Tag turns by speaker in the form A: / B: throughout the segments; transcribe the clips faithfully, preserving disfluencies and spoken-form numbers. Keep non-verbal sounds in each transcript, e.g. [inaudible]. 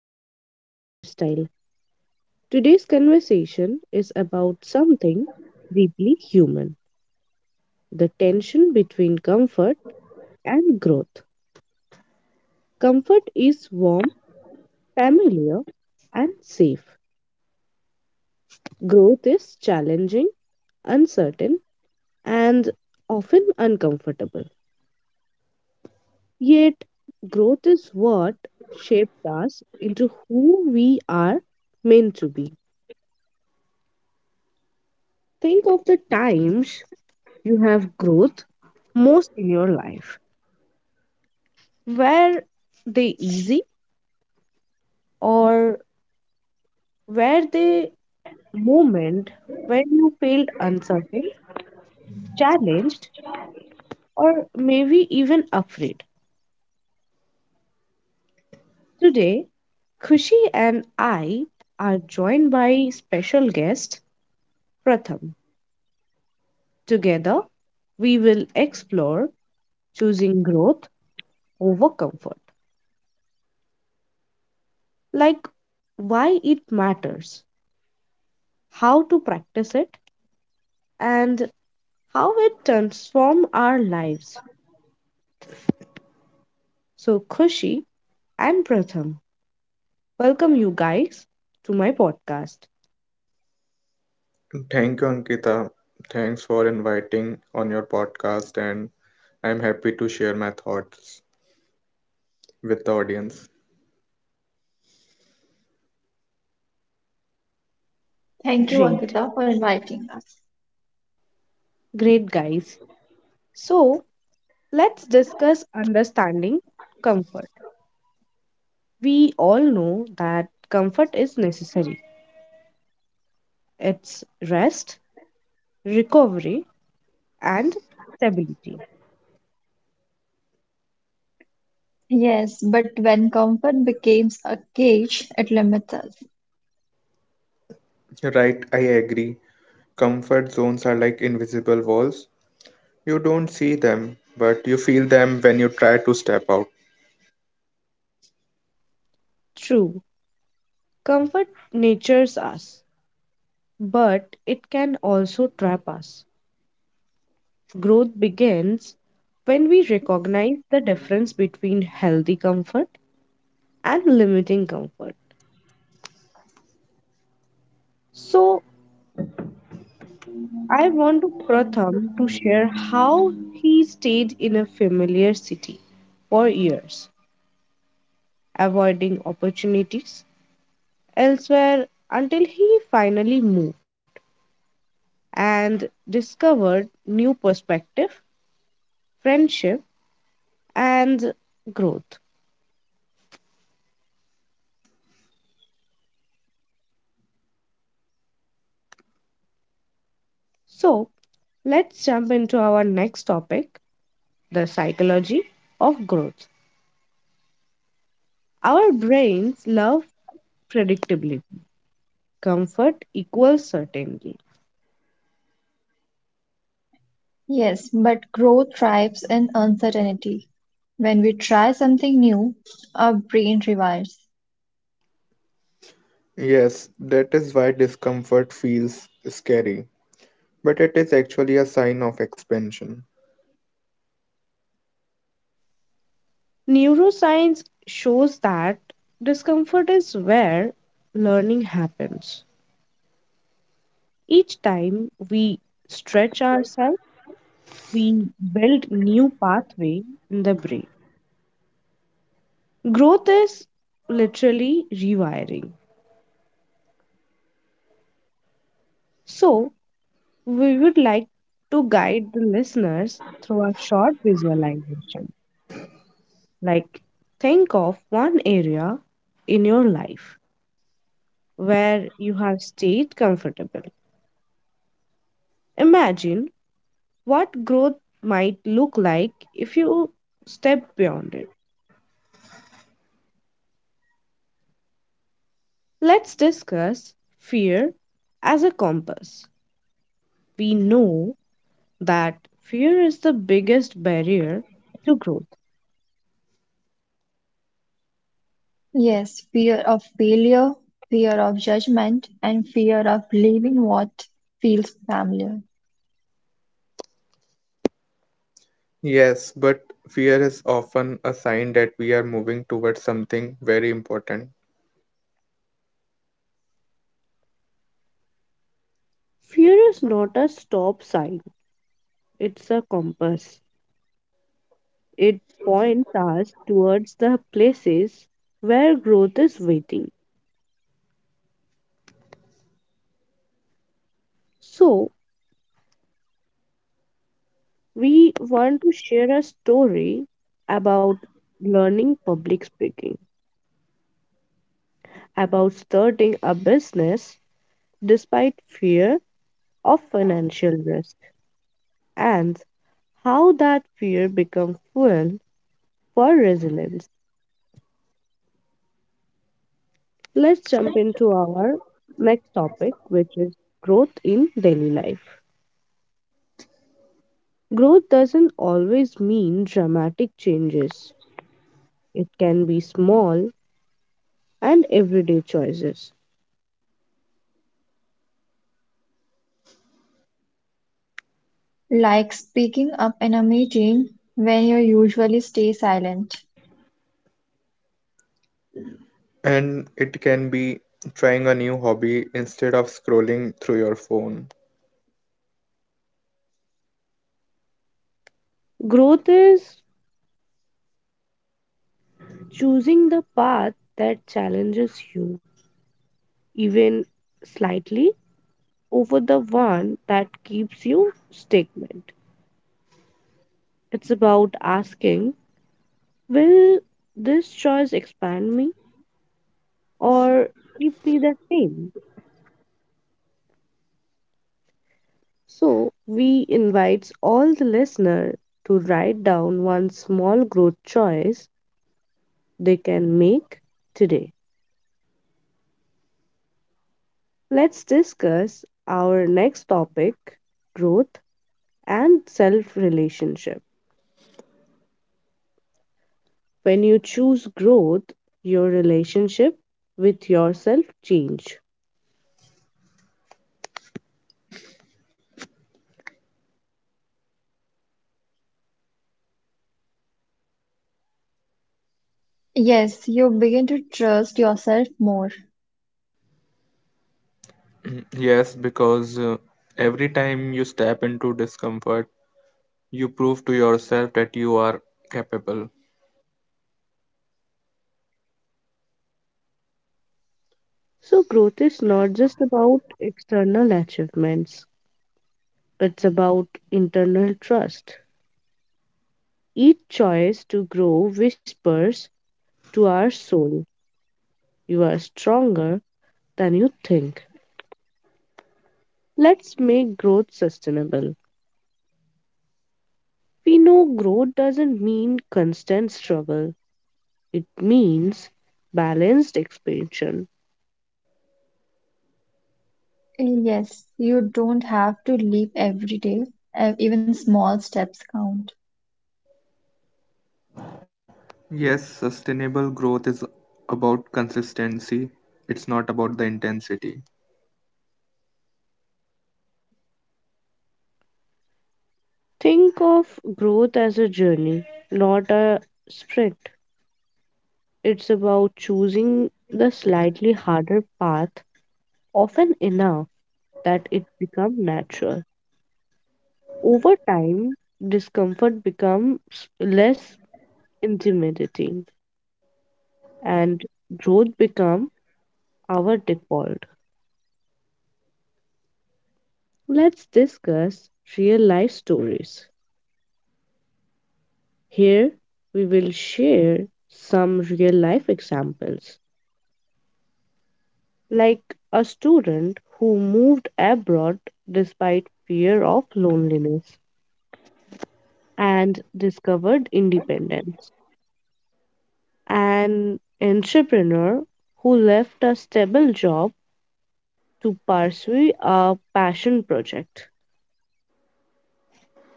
A: back to Healthy Lifestyle. Today's conversation is about something deeply human, the tension between comfort and growth. Comfort is warm, familiar, and safe. Growth is challenging, uncertain, and often uncomfortable. Yet, growth is what shapes us into who we are meant to be. Think of the times you have growth most in your life. Were they easy, or were they moment when you felt uncertain, challenged, or maybe even afraid? Today, Khushi and I are joined by special guest Pratham. Together, we will explore choosing growth over comfort, like why it matters, how to practice it, and how it transforms our lives. So, Khushi, I'm Pratham. Welcome you guys to my podcast.
B: Thank you, Ankita. Thanks for inviting on your podcast, and I'm happy to share my thoughts with the audience.
C: Thank you,
A: Great,
C: Ankita, for inviting us.
A: great guys. So, let's discuss understanding comfort. We all know that comfort is necessary, it's rest, recovery, and stability.
C: Yes, but when comfort becomes a cage, it limits us.
B: Right, I agree. Comfort zones are like invisible walls. You don't see them, but you feel them when you try to step out.
A: True, comfort nurtures us, but it can also trap us. Growth begins when we recognize the difference between healthy comfort and limiting comfort. So I want Pratham to share how he stayed in a familiar city for years, avoiding opportunities elsewhere until he finally moved and discovered new perspective, friendship and growth. So let's jump into our next topic, the psychology of growth. Our brains love predictability. Comfort equals certainty.
C: Yes, but growth thrives in uncertainty. When we try something new, our brain rewires.
B: Yes, that is why discomfort feels scary, but it is actually a sign of expansion.
A: Neuroscience shows that discomfort is where learning happens. Each time we stretch ourselves, we build new pathway in the brain. Growth is literally rewiring. So, we would like to guide the listeners through a short visualization. Like think of one area in your life where you have stayed comfortable. Imagine what growth might look like if you step beyond it. Let's discuss fear as a compass. We know that fear is the biggest barrier to growth.
C: Yes, fear of failure, fear of judgment, and fear of leaving what feels familiar.
B: Yes, but fear is often a sign that we are moving towards something very important.
A: Fear is not a stop sign, it's a compass. It points us towards the places where growth is waiting. So, we want to share a story about learning public speaking, about starting a business despite fear of financial risk and how that fear becomes fuel for resilience. Let's jump into our next topic, which is growth in daily life. Growth doesn't always mean dramatic changes, it can be small and everyday choices.
C: Like speaking up in a meeting when you usually stay silent.
B: And it can be trying a new hobby instead of scrolling through your phone.
A: Growth is choosing the path that challenges you, even slightly, over the one that keeps you stagnant. It's about asking, will this choice expand me or keep me the same? So, we invite all the listener to write down one small growth choice they can make today. Let's discuss our next topic, growth and self relationship. When you choose growth, your relationship with yourself change.
C: Yes, you begin to trust yourself more.
B: [clears throat] Yes, because uh, every time you step into discomfort, you prove to yourself that you are capable.
A: So, growth is not just about external achievements, it's about internal trust. Each choice to grow whispers to our soul, you are stronger than you think. Let's make growth sustainable. We know growth doesn't mean constant struggle, it means balanced expansion.
C: Yes, you don't have to leap every day. Uh, Even small steps count.
B: Yes, sustainable growth is about consistency, it's not about the intensity.
A: Think of growth as a journey, not a sprint. It's about choosing the slightly harder path often enough that it becomes natural. Over time, discomfort becomes less intimidating and growth becomes our default. Let's discuss real life stories. Here, we will share some real life examples, like a student who moved abroad despite fear of loneliness and discovered independence, an entrepreneur who left a stable job to pursue a passion project,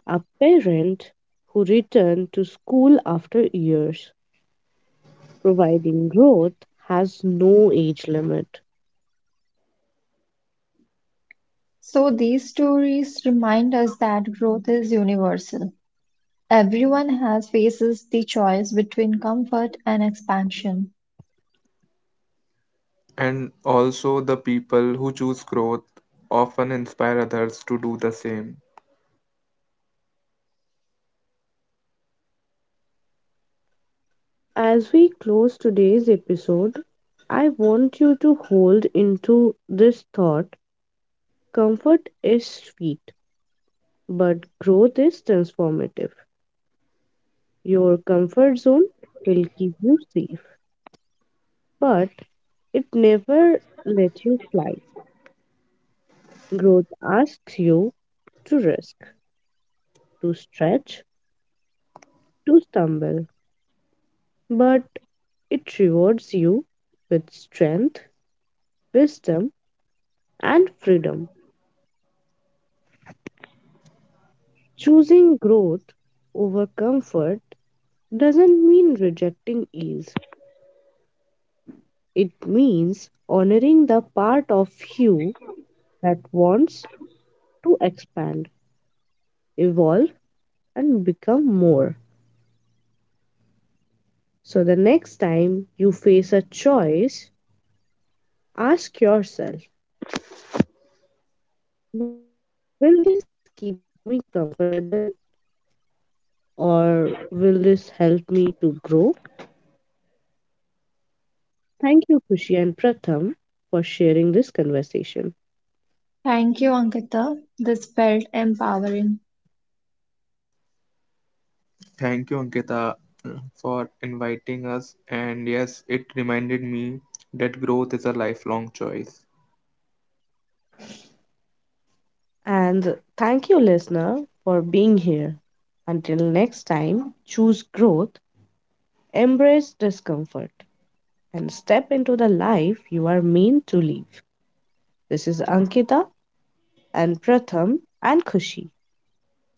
A: a parent who returned to school after years, providing growth has no age limit.
C: So these stories remind us that growth is universal. Everyone has faces the choice between comfort and expansion.
B: And also, the people who choose growth often inspire others to do the same.
A: As we close today's episode, I want you to hold into this thought, comfort is sweet, but growth is transformative. Your comfort zone will keep you safe, but it never lets you fly. Growth asks you to risk, to stretch, to stumble, but it rewards you with strength, wisdom, and freedom. Choosing growth over comfort doesn't mean rejecting ease, it means honoring the part of you that wants to expand, evolve, and become more. So the next time you face a choice, ask yourself, will this keep me comfortable or will this help me to grow? Thank you, Kushi and Pratham, for sharing this conversation.
C: Thank you, Ankita. This felt empowering.
B: Thank you, Ankita, for inviting us. And yes, it reminded me that growth is a lifelong choice.
A: And thank you, listener, for being here. Until next time, choose growth, embrace discomfort, and step into the life you are meant to live. This is Ankita and Pratham and Kushi,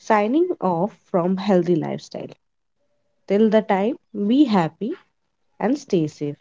A: signing off from Healthy Lifestyle. Till the time, be happy and stay safe.